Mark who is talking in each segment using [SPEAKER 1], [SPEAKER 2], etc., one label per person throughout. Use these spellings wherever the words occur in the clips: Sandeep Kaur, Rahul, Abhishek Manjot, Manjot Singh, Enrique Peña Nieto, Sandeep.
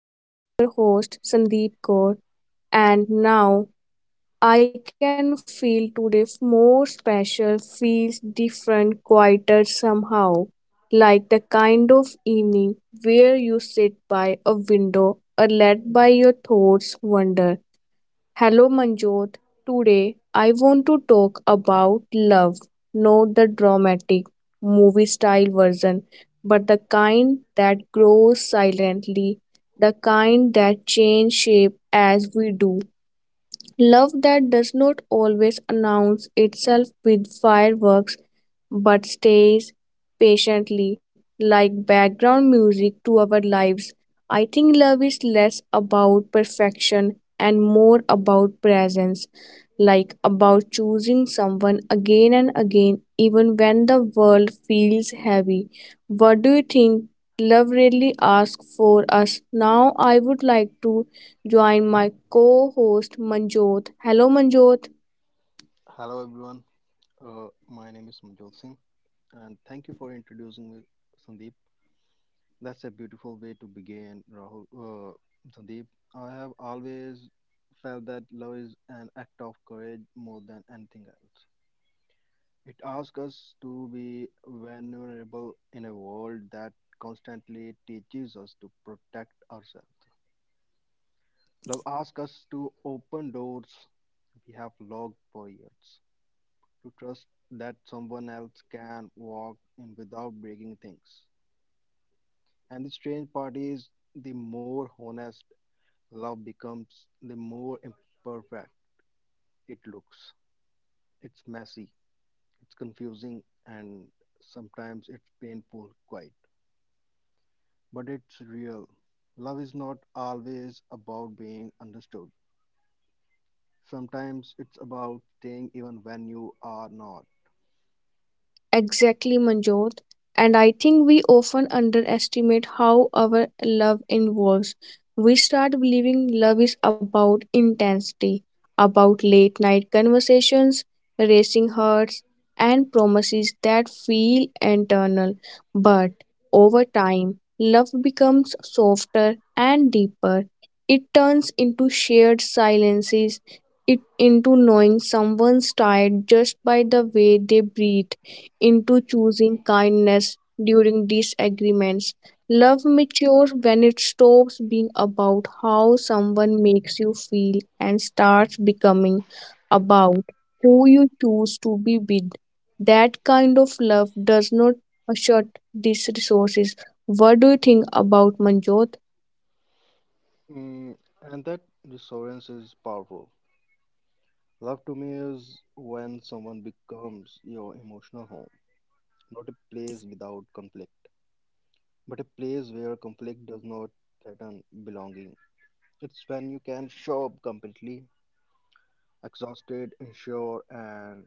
[SPEAKER 1] I am your host Sandeep Kaur and now I can feel today more special, feels different, quieter somehow, like the kind of evening where you sit by a window or let by your thoughts wander. Hello Manjot, today I want to talk about love, not the dramatic movie style version, but the kind that grows silently, the kind that changes shape as we do. Love that does not always announce itself with fireworks but stays patiently like background music to our lives. I think love is less about perfection and more about presence, like about choosing someone again and again, even when the world feels heavy. What do you think? Love really asks for us. Now, I would like to join my co-host Manjot. Hello Manjot.
[SPEAKER 2] Hello everyone, my name is Manjot Singh and thank you for introducing me, Sandeep. That's a beautiful way to begin, Rahul. Sandeep, I have always felt that love is an act of courage more than anything else. It asks us to be vulnerable in a world that constantly teaches us to protect ourselves. Love asks us to open doors we have locked for years, to trust that someone else can walk in without breaking things. And the strange part is the more honest love becomes, the more imperfect it looks. It's messy, it's confusing, and sometimes it's painful, quite. But it's real. Love is not always about being understood. Sometimes it's about staying even when you are not.
[SPEAKER 1] Exactly, Manjot. And I think we often underestimate how our love involves. We start believing love is about intensity, about late night conversations, racing hearts, and promises that feel eternal. But over time, love becomes softer and deeper. It turns into shared silences, it into knowing someone's tired just by the way they breathe into choosing kindness during disagreements. Love matures when it stops being about how someone makes you feel and starts becoming about who you choose to be with. That kind of love does not shut these resources. What do you think about Manjot?
[SPEAKER 2] Mm, and that reassurance is powerful. Love to me is when someone becomes your emotional home, not a place without conflict, but a place where conflict does not threaten belonging. It's when you can show up completely, exhausted, unsure, and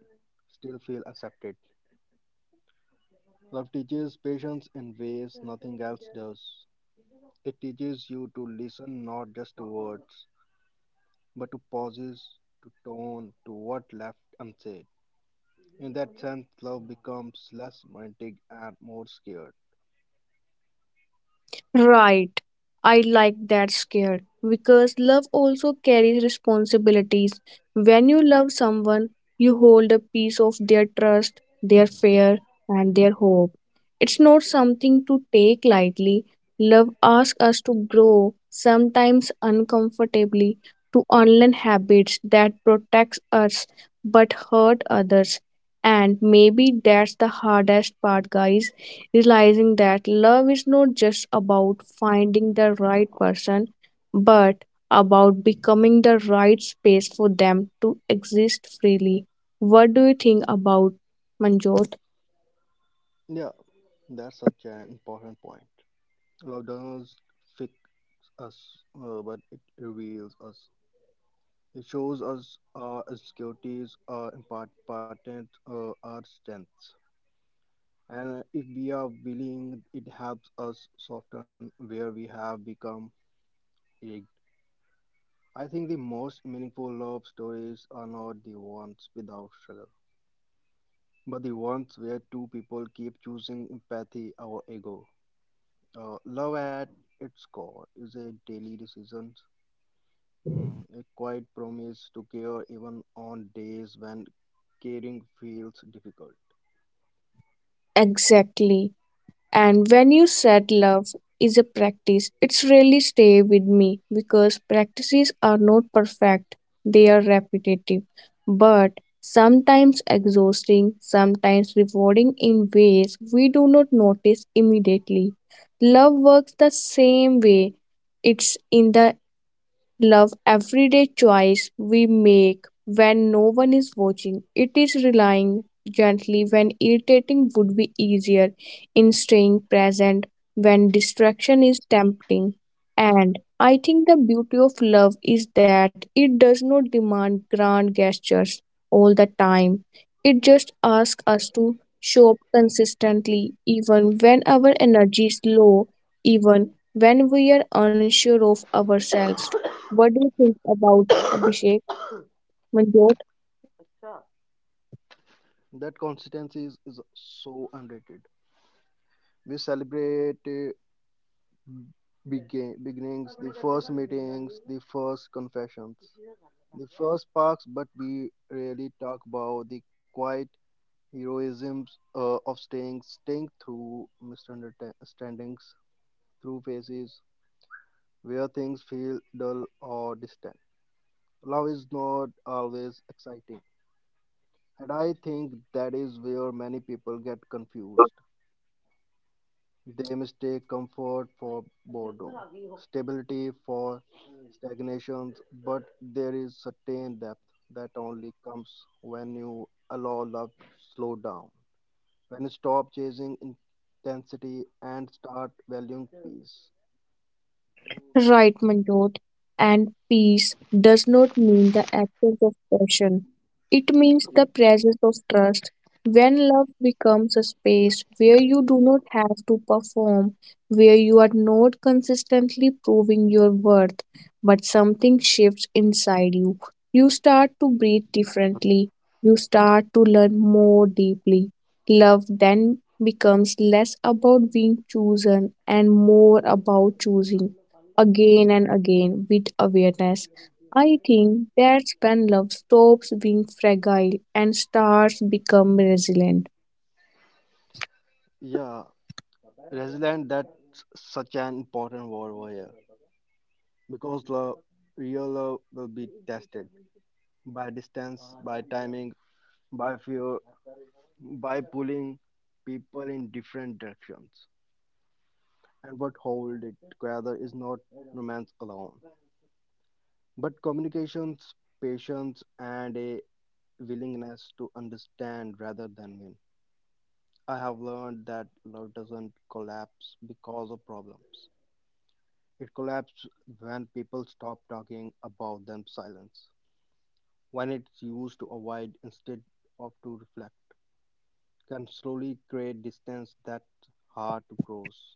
[SPEAKER 2] still feel accepted. Love teaches patience in ways nothing else does. It teaches you to listen not just to words, but to pauses, to tone, to what left unsaid. In that sense, love becomes less romantic and more scared.
[SPEAKER 1] Right. I like that scared because love also carries responsibilities. When you love someone, you hold a piece of their trust, their fear, and their hope. It's not something to take lightly. Love asks us to grow, sometimes uncomfortably, to unlearn habits that protect us but hurt others. And maybe that's the hardest part, guys, realizing that love is not just about finding the right person, but about becoming the right space for them to exist freely. What do you think about Manjot?
[SPEAKER 2] Yeah, that's such an important point. Love doesn't fix us, but it reveals us. It shows us our insecurities, our importance, our strengths. And if we are willing, it helps us soften where we have become rigged. I think the most meaningful love stories are not the ones without struggle, but the ones where two people keep choosing empathy or ego. Love at its core is a daily decision, mm, a quiet promise to care even on days when caring feels difficult.
[SPEAKER 1] Exactly. And when you said love is a practice, it's really stay with me because practices are not perfect. They are repetitive, but sometimes exhausting, sometimes rewarding in ways we do not notice immediately. Love works the same way. It's in the love everyday choice we make when no one is watching. It is relying gently when irritating would be easier, in staying present when distraction is tempting. And I think the beauty of love is that it does not demand grand gestures all the time. It just asks us to show up consistently, even when our energy is low, even when we are unsure of ourselves. What do you think about Abhishek Manjot?
[SPEAKER 2] अच्छा. That consistency is so underrated. We celebrate beginnings, the first meetings, the first confessions, the first sparks, but we rarely talk about the quiet heroisms of staying through misunderstandings, through phases where things feel dull or distant. Love is not always exciting, and I think that is where many people get confused. They mistake comfort for boredom, stability for stagnation. But there is certain depth that only comes when you allow love to slow down, when you stop chasing intensity and start valuing peace.
[SPEAKER 1] Right, Manjot. And peace does not mean the absence of passion. It means the presence of trust. When love becomes a space where you do not have to perform, where you are not consistently proving your worth, but something shifts inside you, you start to breathe differently. You start to learn more deeply. Love then becomes less about being chosen and more about choosing again and again with awareness. I think that's when love stops being fragile and starts become resilient.
[SPEAKER 2] Yeah, resilient, that's such an important word over here, because the real love will be tested by distance, by timing, by fear, by pulling people in different directions. And what hold it together is not romance alone, but communications, patience, and a willingness to understand rather than win. I have learned that love doesn't collapse because of problems. It collapses when people stop talking about them silence. When it's used to avoid instead of to reflect, can slowly create distance that's hard to cross.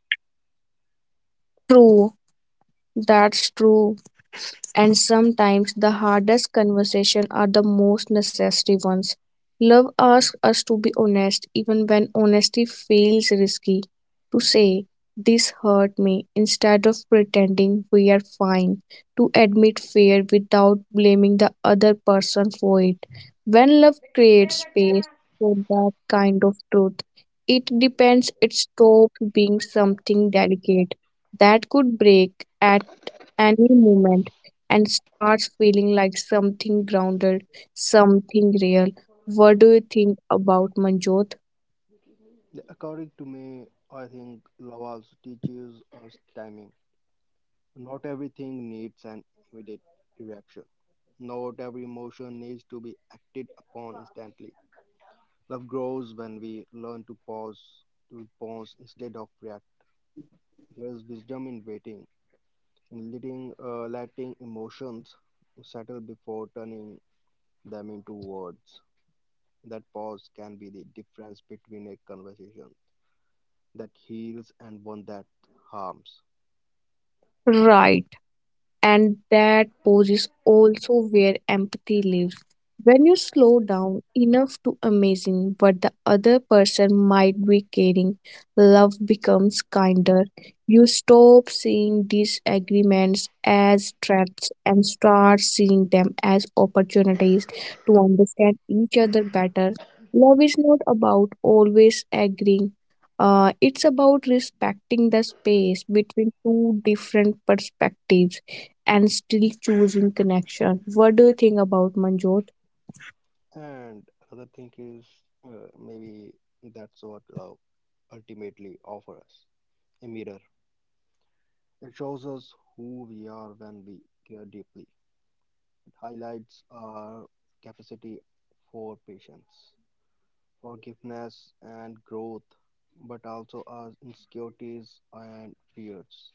[SPEAKER 1] True, that's true. And sometimes the hardest conversations are the most necessary ones. Love asks us to be honest, even when honesty feels risky. To say, this hurt me, instead of pretending we are fine. To admit fear without blaming the other person for it. When love creates space for that kind of truth, it depends, it stops being something delicate that could break at any moment and starts feeling like something grounded, something real. What do you think about Manjot?
[SPEAKER 2] Yeah, according to me, I think love also teaches us timing. Not everything needs an immediate reaction. Not every emotion needs to be acted upon instantly. Love grows when we learn to pause, to respond instead of react. There is wisdom in waiting, in letting emotions settle before turning them into words. That pause can be the difference between a conversation that heals and one that harms.
[SPEAKER 1] Right. And that pause is also where empathy lives. When you slow down enough to imagine what the other person might be carrying, love becomes kinder. You stop seeing disagreements as threats and start seeing them as opportunities to understand each other better. Love is not about always agreeing. It's about respecting the space between two different perspectives and still choosing connection. What do you think about Manjot?
[SPEAKER 2] And another thing is, maybe that's what love ultimately offers, a mirror. It shows us who we are when we care deeply. Highlights our capacity for patience, forgiveness, and growth, but also our insecurities and fears.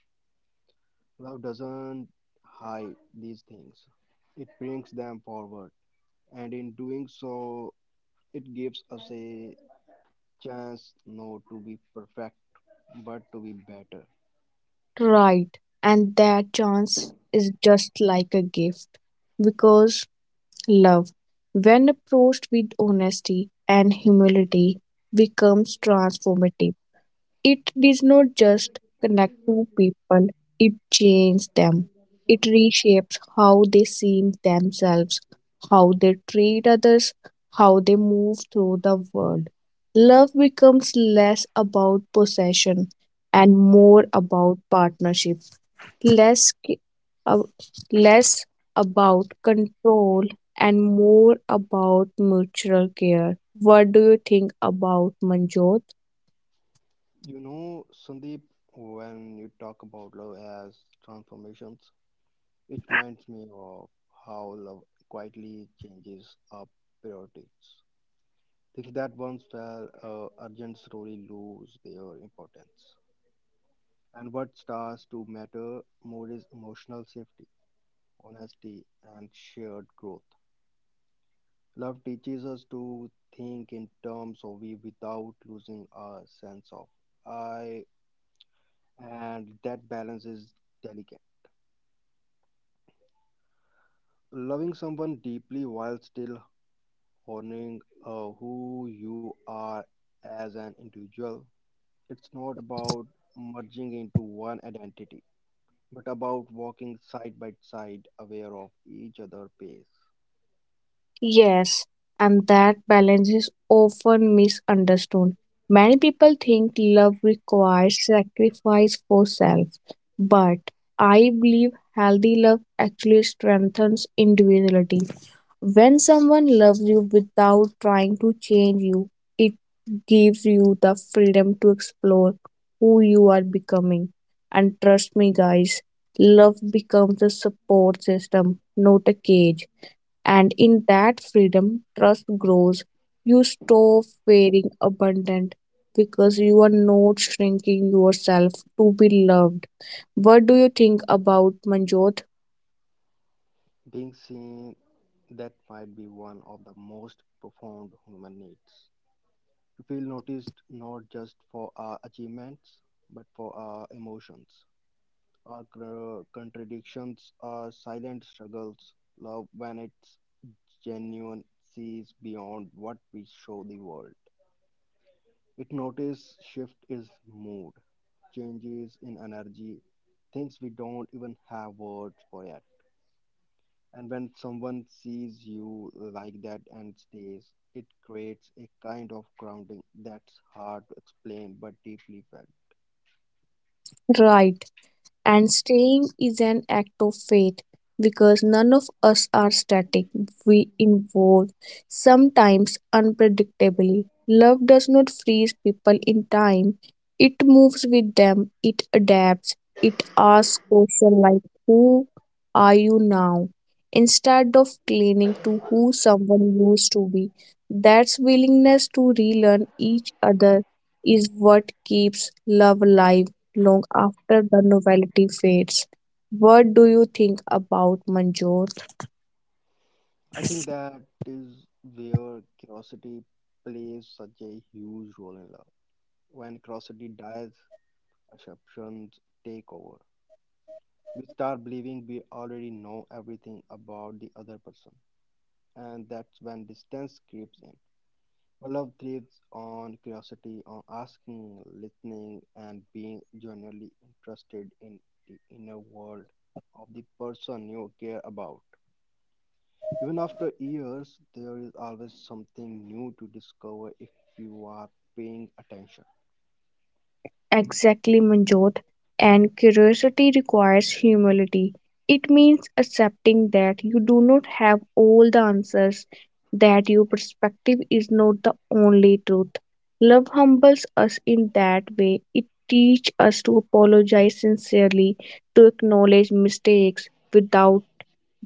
[SPEAKER 2] Love doesn't hide these things, it brings them forward, and in doing so, it gives us a chance not to be perfect but to be better.
[SPEAKER 1] Right. And that chance is just like a gift because love, when approached with honesty and humility, becomes transformative. It did not just connect two people, it changed them. It reshapes how they see themselves, how they treat others, how they move through the world. Love becomes less about possession and more about partnership, less, ki- uh, less about control and more about mutual care. What do you think about Manjot?
[SPEAKER 2] You know, Sandeep, when you talk about love as transformations, it reminds me of how love quietly changes our priorities. Things that once felt urgent slowly lose their importance. And what starts to matter more is emotional safety, honesty, and shared growth. Love teaches us to think in terms of we without losing our sense of I, and that balance is delicate. Loving someone deeply while still honoring who you are as an individual. It's not about merging into one identity, but about walking side by side, aware of each other's pace.
[SPEAKER 1] Yes, and that balance is often misunderstood. Many people think love requires sacrifice for self, but I believe healthy love actually strengthens individuality. When someone loves you without trying to change you, it gives you the freedom to explore who you are becoming. And trust me, guys, love becomes a support system, not a cage, and in that freedom, trust grows. You stop fearing abundant because you are not shrinking yourself to be loved. What do you think about Manjot?
[SPEAKER 2] Being seen, that might be one of the most profound human needs. To feel noticed not just for our achievements, but for our emotions. Our contradictions, our silent struggles, love when it genuine sees beyond what we show the world. It notices shift is mood, changes in energy, things we don't even have words for yet. And when someone sees you like that and stays, it creates a kind of grounding that's hard to explain but deeply felt.
[SPEAKER 1] Right. And staying is an act of faith because none of us are static. We evolve, sometimes unpredictably. Love does not freeze people in time, it moves with them, it adapts, it asks questions like, who are you now? Instead of clinging to who someone used to be. That's willingness to relearn each other is what keeps love alive long after the novelty fades. What do you think about Manjot?
[SPEAKER 2] I think that is where curiosity plays such a huge role in love. When curiosity dies, assumptions take over. We start believing we already know everything about the other person, and that's when distance creeps in. But love thrives on curiosity, on asking, listening, and being genuinely interested in the inner world of the person you care about. Even after years, there is always something new to discover if you are paying attention.
[SPEAKER 1] Exactly, Manjot. And curiosity requires humility. It means accepting that you do not have all the answers, that your perspective is not the only truth. Love humbles us in that way. It teaches us to apologize sincerely, to acknowledge mistakes without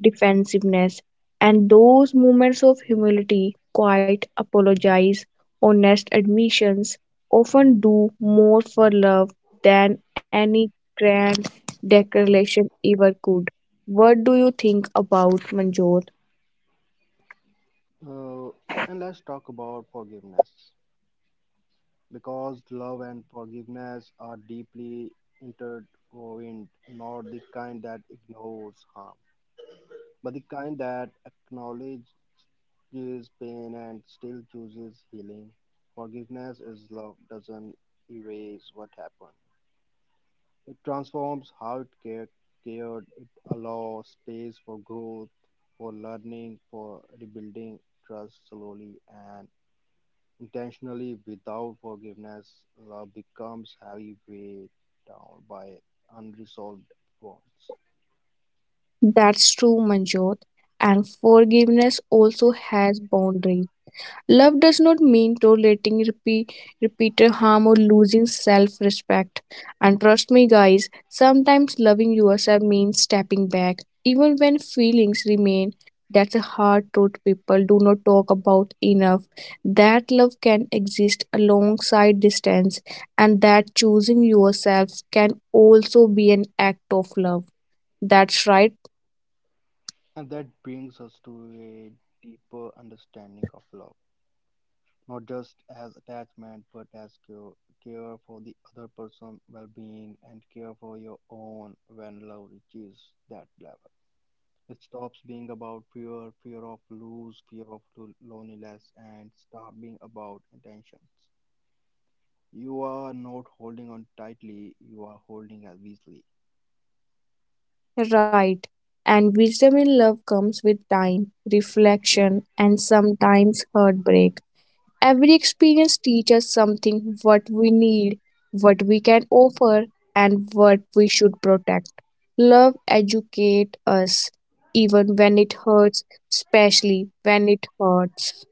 [SPEAKER 1] defensiveness. And those moments of humility, quiet apologies, honest admissions, often do more for love than any grand declaration ever could. What do you think about Manjot?
[SPEAKER 2] Uh, and let's talk about forgiveness, because love and forgiveness are deeply intertwined, not the kind that ignores harm, but the kind that acknowledges pain and still chooses healing. Forgiveness is love, doesn't erase what happened. It transforms how it cared. It allows space for growth, for learning, for rebuilding trust slowly and intentionally. Without forgiveness, love becomes heavy, weighed down by unresolved wounds.
[SPEAKER 1] That's true, Manjot. And forgiveness also has boundaries. Love does not mean tolerating repeated harm or losing self respect. And trust me, guys, sometimes loving yourself means stepping back, even when feelings remain. That's a hard truth people do not talk about enough. That love can exist alongside distance, and that choosing yourself can also be an act of love. That's right.
[SPEAKER 2] And that brings us to a deeper understanding of love, not just as attachment, but as care, care for the other person's well being and care for your own. When love reaches that level, it stops being about fear, fear of lose, fear of loneliness, and start being about intentions. You are not holding on tightly, you are holding as loosely.
[SPEAKER 1] Right. And wisdom in love comes with time, reflection, and sometimes heartbreak. Every experience teaches something what we need, what we can offer, and what we should protect. Love educates us, even when it hurts, especially when it hurts.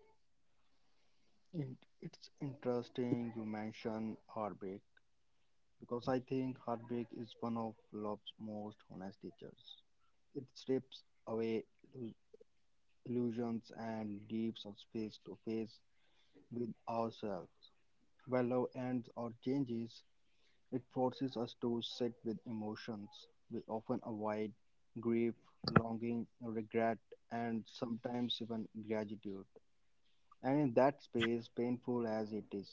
[SPEAKER 2] In- It's interesting you mention heartbreak because I think heartbreak is one of love's most honest teachers. It strips away illu- illusions and leaves us face to face with ourselves. Where love ends or changes, it forces us to sit with emotions we often avoid, grief, longing, regret, and sometimes even gratitude. And in that space, painful as it is,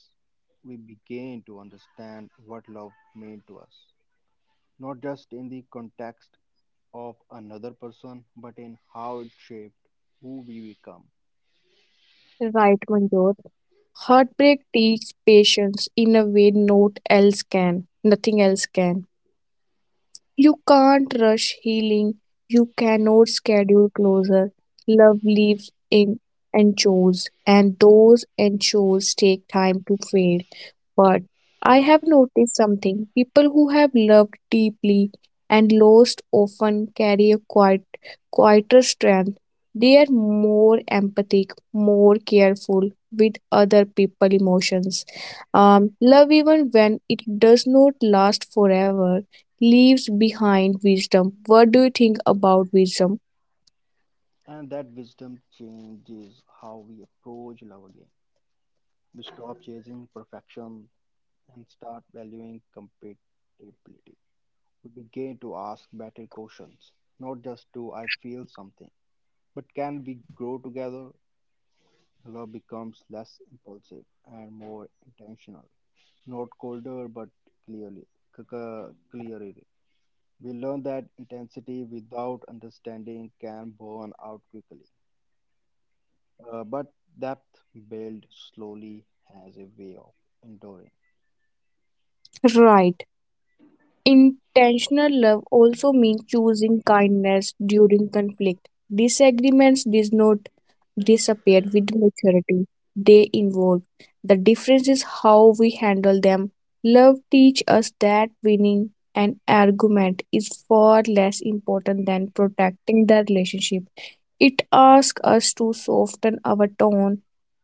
[SPEAKER 2] we began to understand what love meant to us, not just in the context of another person, but in how it shaped who we become.
[SPEAKER 1] Right, Manjot. Heartbreak teaches patience in a way nothing else can. You can't rush healing. You cannot schedule closure. Love lives in anchors, and those anchors take time to fade. But I have noticed something. People who have loved deeply and lost often carry a quieter strength. They are more empathic, more careful with other people's emotions. Love, even when it does not last forever, leaves behind wisdom. What do you think about wisdom?
[SPEAKER 2] And that wisdom changes how we approach love again. We stop chasing perfection and start valuing compatibility. We begin to ask better questions, not just do I feel something, but can we grow together. Love becomes less impulsive and more intentional. Not colder, but clearly, clearly. We learn that intensity without understanding can burn out quickly. But depth built slowly has a way of enduring.
[SPEAKER 1] Right. Intentional love also means choosing kindness during conflict. Disagreements does not disappeared with maturity, they evolve. The difference is how we handle them. Love teaches us that winning an argument is far less important than protecting the relationship. It asks us to soften our tone,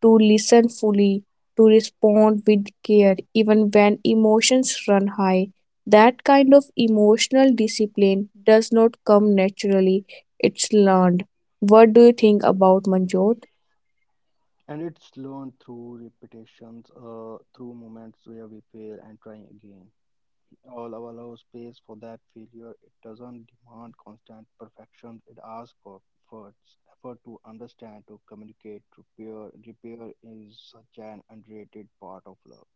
[SPEAKER 1] to listen fully, to respond with care even when emotions run high. That kind of emotional discipline does not come naturally, it's learned. What do you think about Manjot?
[SPEAKER 2] And it's learned through repetitions, through moments where we fail and try again. All our allow space for that failure. It doesn't demand constant perfection. It asks for effort to understand, to communicate, to repair. Repair is such an underrated part of love.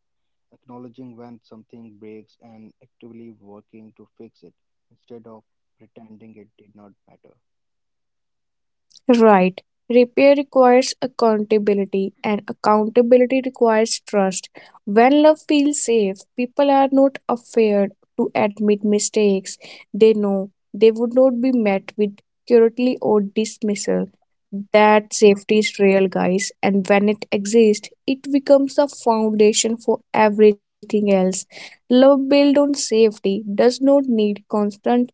[SPEAKER 2] Acknowledging when something breaks and actively working to fix it instead of pretending it did not matter.
[SPEAKER 1] Right. Repair requires accountability, and accountability requires trust. When love feels safe, people are not afraid to admit mistakes. They know they would not be met with cruelty or dismissal. That safety is real, guys, and when it exists, it becomes the foundation for everything else. Love built on safety does not need constant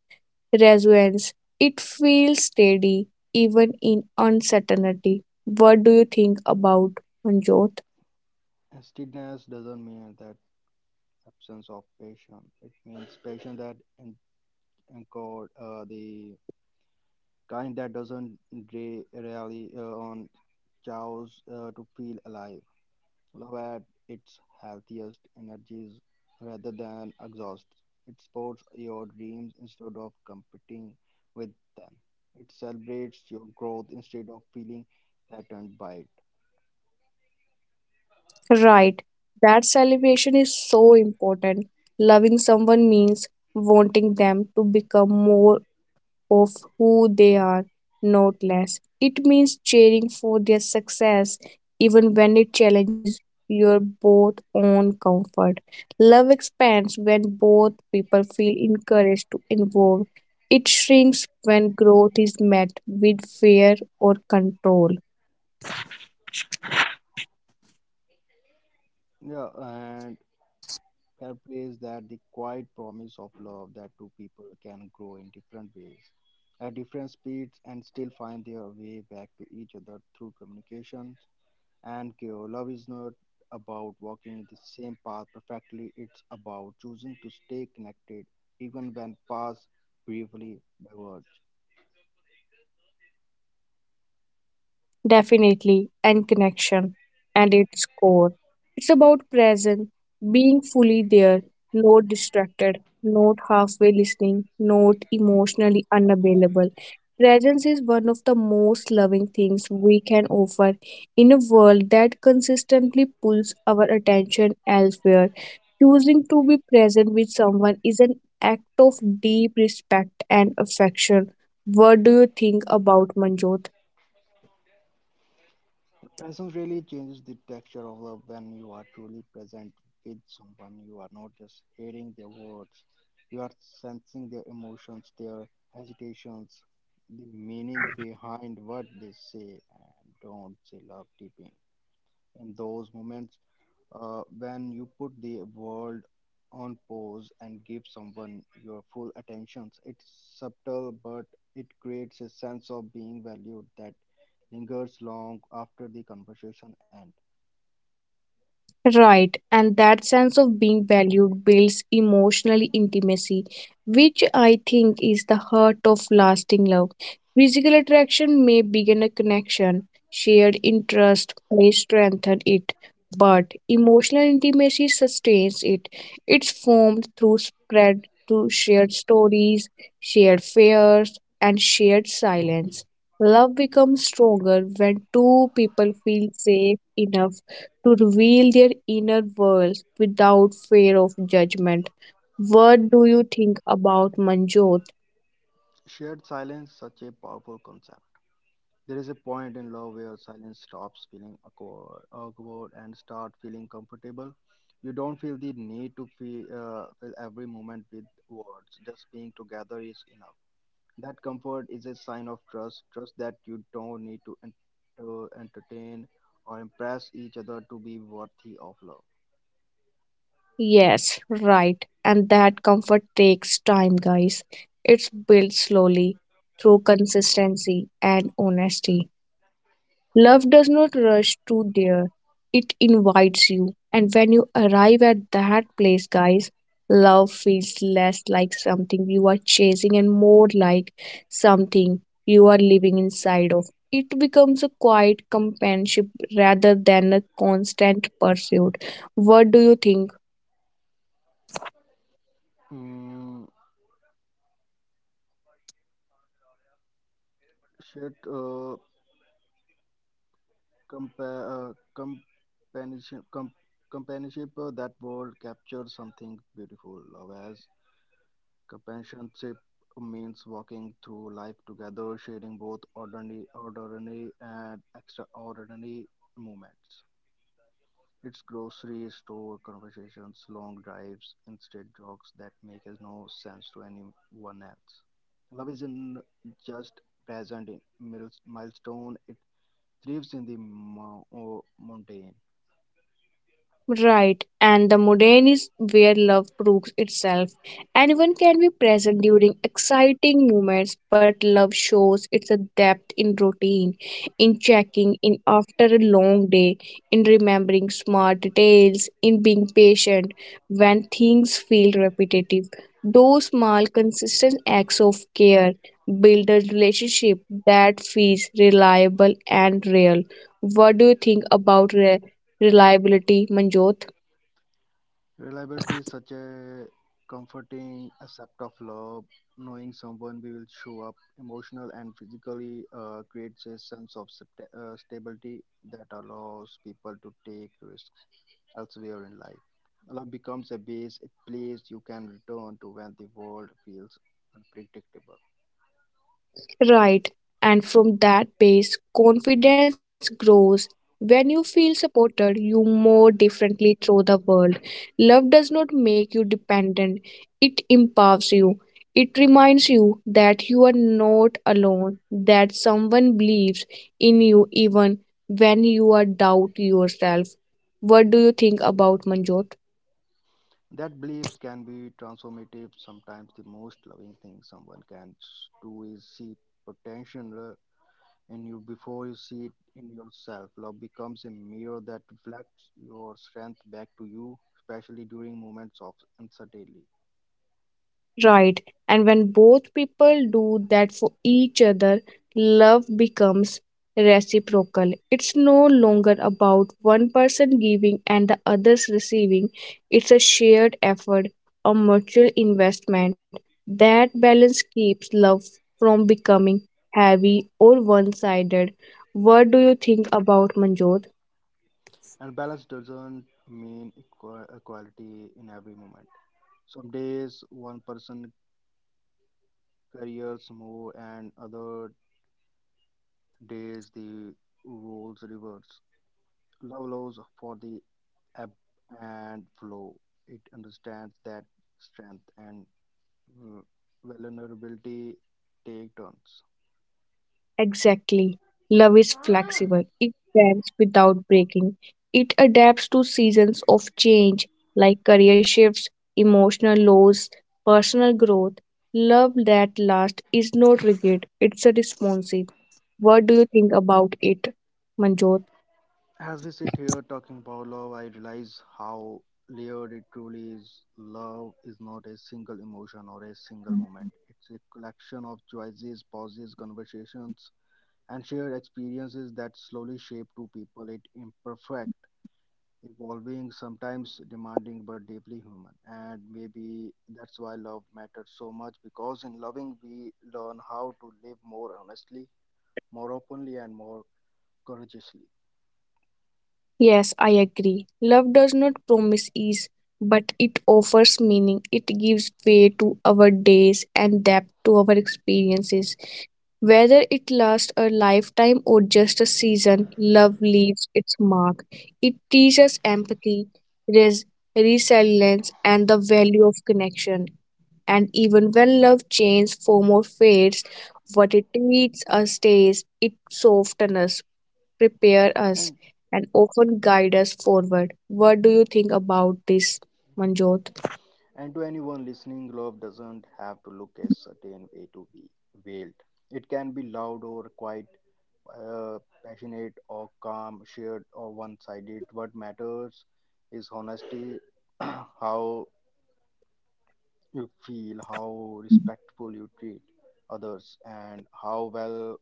[SPEAKER 1] resonance. It feels steady even in uncertainty. What do you think about Manjot?
[SPEAKER 2] Steadiness doesn't mean that absence of passion. It means passion that encode, the kind that doesn't rely, on chows, to feel alive. Love at its healthiest energies rather than exhaust. It supports your dreams instead of competing with them. It celebrates your growth instead of feeling threatened by it.
[SPEAKER 1] Right, that celebration is so important. Loving someone means wanting them to become more of who they are, not less. It means cheering for their success even when it challenges your both own comfort. Love expands when both people feel encouraged to involve. It shrinks when growth is met with fear or control.
[SPEAKER 2] Yeah, and fair play is that the quiet promise of love, that two people can grow in different ways, at different speeds, and still find their way back to each other through communication and care. Love is not about walking the same path perfectly, it's about choosing to stay connected even when paths briefly diverge.
[SPEAKER 1] Definitely, and connection and its core. It's about present, being fully there, not distracted, not halfway listening, not emotionally unavailable. Presence is one of the most loving things we can offer in a world that consistently pulls our attention elsewhere. Choosing to be present with someone is an act of deep respect and affection. What do you think about Manjot?
[SPEAKER 2] Presence really changes the texture of love. When you are truly present with someone, you are not just hearing their words, you are sensing their emotions, their hesitations, the meaning behind what they say and don't say. Love deepens in those moments. When you put the world on pause and give someone your full attention, it's subtle, but it creates a sense of being valued that lingers long after the conversation ends.
[SPEAKER 1] Right, and that sense of being valued builds emotional intimacy, which I think is the heart of lasting love. Physical attraction may begin a connection, shared interest may strengthen it, but emotional intimacy sustains it. It's formed through spread through shared stories, shared fears, and shared silence. Love becomes stronger when two people feel safe enough to reveal their inner worlds without fear of judgment. What do you think about Manjot?
[SPEAKER 2] Shared silence, such a powerful concept. There is a point in love where silence stops feeling awkward and start feeling comfortable. You don't feel the need to fill every moment with words. Just being together is enough. That comfort is a sign of trust, trust that you don't need to, to entertain or impress each other to be worthy of love.
[SPEAKER 1] Yes, right. And that comfort takes time, guys. It's built slowly through consistency and honesty. Love does not rush to there, it invites you. And when you arrive at that place, guys, love feels less like something you are chasing and more like something you are living inside of. It becomes a quiet companionship rather than a constant pursuit. What do you think?
[SPEAKER 2] Mm, should compa- uh, companionship, com- companionship, that word captures something beautiful. Love as companionship means walking through life together, sharing both ordinary and extraordinary moments. It's grocery store conversations, long drives, instead jokes that make no sense to anyone else. Love isn't just present in milestone, it thrives in the mundane.
[SPEAKER 1] Right, and the mundane is where love proves itself. Anyone can be present during exciting moments, but love shows its depth in routine, in checking in after a long day, in remembering small details, in being patient when things feel repetitive. Those small, consistent acts of care build a relationship that feels reliable and real. What do you think about reliability, Manjot?
[SPEAKER 2] Reliability is such a comforting accept of love. Knowing someone will show up emotional and physically creates a sense of stability that allows people to take risks elsewhere in life. Love becomes a base, a place you can return to when the world feels unpredictable.
[SPEAKER 1] Right. And from that base, confidence grows. When you feel supported, you more differently through the world. Love does not make you dependent, it empowers you. It reminds you that you are not alone, that someone believes in you even when you are doubt yourself. What do you think about Manjot?
[SPEAKER 2] That beliefs can be transformative. Sometimes the most loving thing someone can do is see potential in you before you see it in yourself. Love becomes a mirror that reflects your strength back to you, especially during moments of uncertainty.
[SPEAKER 1] Right. And when both people do that for each other, love becomes reciprocal. It's no longer about one person giving and the others receiving. It's a shared effort, a mutual investment. That balance keeps love from becoming heavy or one sided. What do you think about Manjot?
[SPEAKER 2] And balance doesn't mean equality in every moment. Some days one person careers move and other days the roles reverse. Love allows for the ebb and flow. It understands that strength and uh, vulnerability take turns.
[SPEAKER 1] Exactly. Love is
[SPEAKER 2] Ah.
[SPEAKER 1] flexible. It bends without breaking. It adapts to seasons of change like career shifts, emotional lows, personal growth. Love that lasts is not rigid, it's a responsive. What do you think about it, Manjot?
[SPEAKER 2] As we sit here talking about love, I realize how layered it truly is. Love is not a single emotion or a single moment, it's a collection of choices, pauses, conversations, and shared experiences that slowly shape two people. It imperfect, evolving, sometimes demanding, but deeply human. And maybe that's why love matters so much, because in loving we learn how to live more honestly, more openly, and more courageously.
[SPEAKER 1] Yes, I agree. Love does not promise ease, but it offers meaning. It gives way to our days and depth to our experiences. Whether it lasts a lifetime or just a season, love leaves its mark. It teaches empathy, res- resilience, and the value of connection. And even when love changes, form, or fades, what it teaches us stays. It softens us, prepares us,
[SPEAKER 2] And
[SPEAKER 1] and often guides us forward. What do you think about this, Manjot?
[SPEAKER 2] to anyone listening, love doesn't have to look a certain way to be veiled. It can be loud or quiet, uh, passionate or calm, shared or one sided. What matters is honesty, how you feel, how respectful you treat others, and how well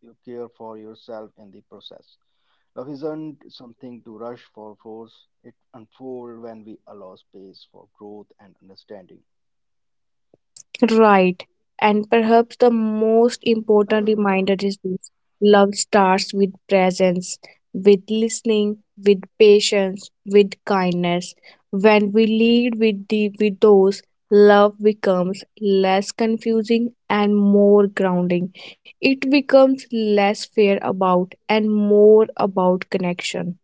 [SPEAKER 2] you care for yourself in the process. Love isn't something to rush for force, it unfolds when we allow space for growth and understanding.
[SPEAKER 1] Right. And perhaps the most important reminder is this, love starts with presence, with listening, with patience, with kindness. When we lead with those, love becomes less confusing and more grounding. It becomes less fear about and more about connection.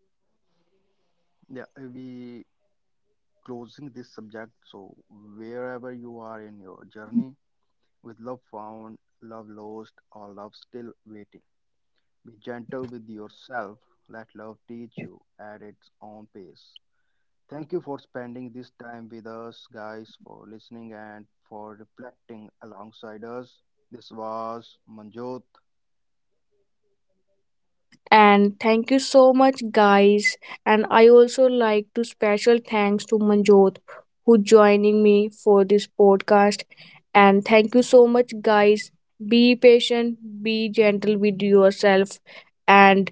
[SPEAKER 2] Yeah, we closing this subject, so wherever you are in your journey, with love found, love lost, or love still waiting, be gentle with yourself. Let love teach you at its own pace. Thank you for spending this time with us, guys, for listening and for reflecting alongside us. This was Manjot.
[SPEAKER 1] And thank you so much, guys. And I also like to special thanks to Manjot who joining me for this podcast. And thank you so much, guys. Be patient, be gentle with yourself. And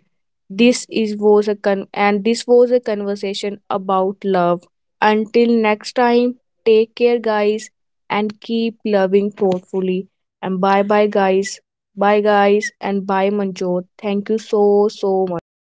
[SPEAKER 1] this was a conversation about love. Until next time, take care, guys, and keep loving thoughtfully. And bye bye, guys. Bye guys and bye Manjot. Thank you so much.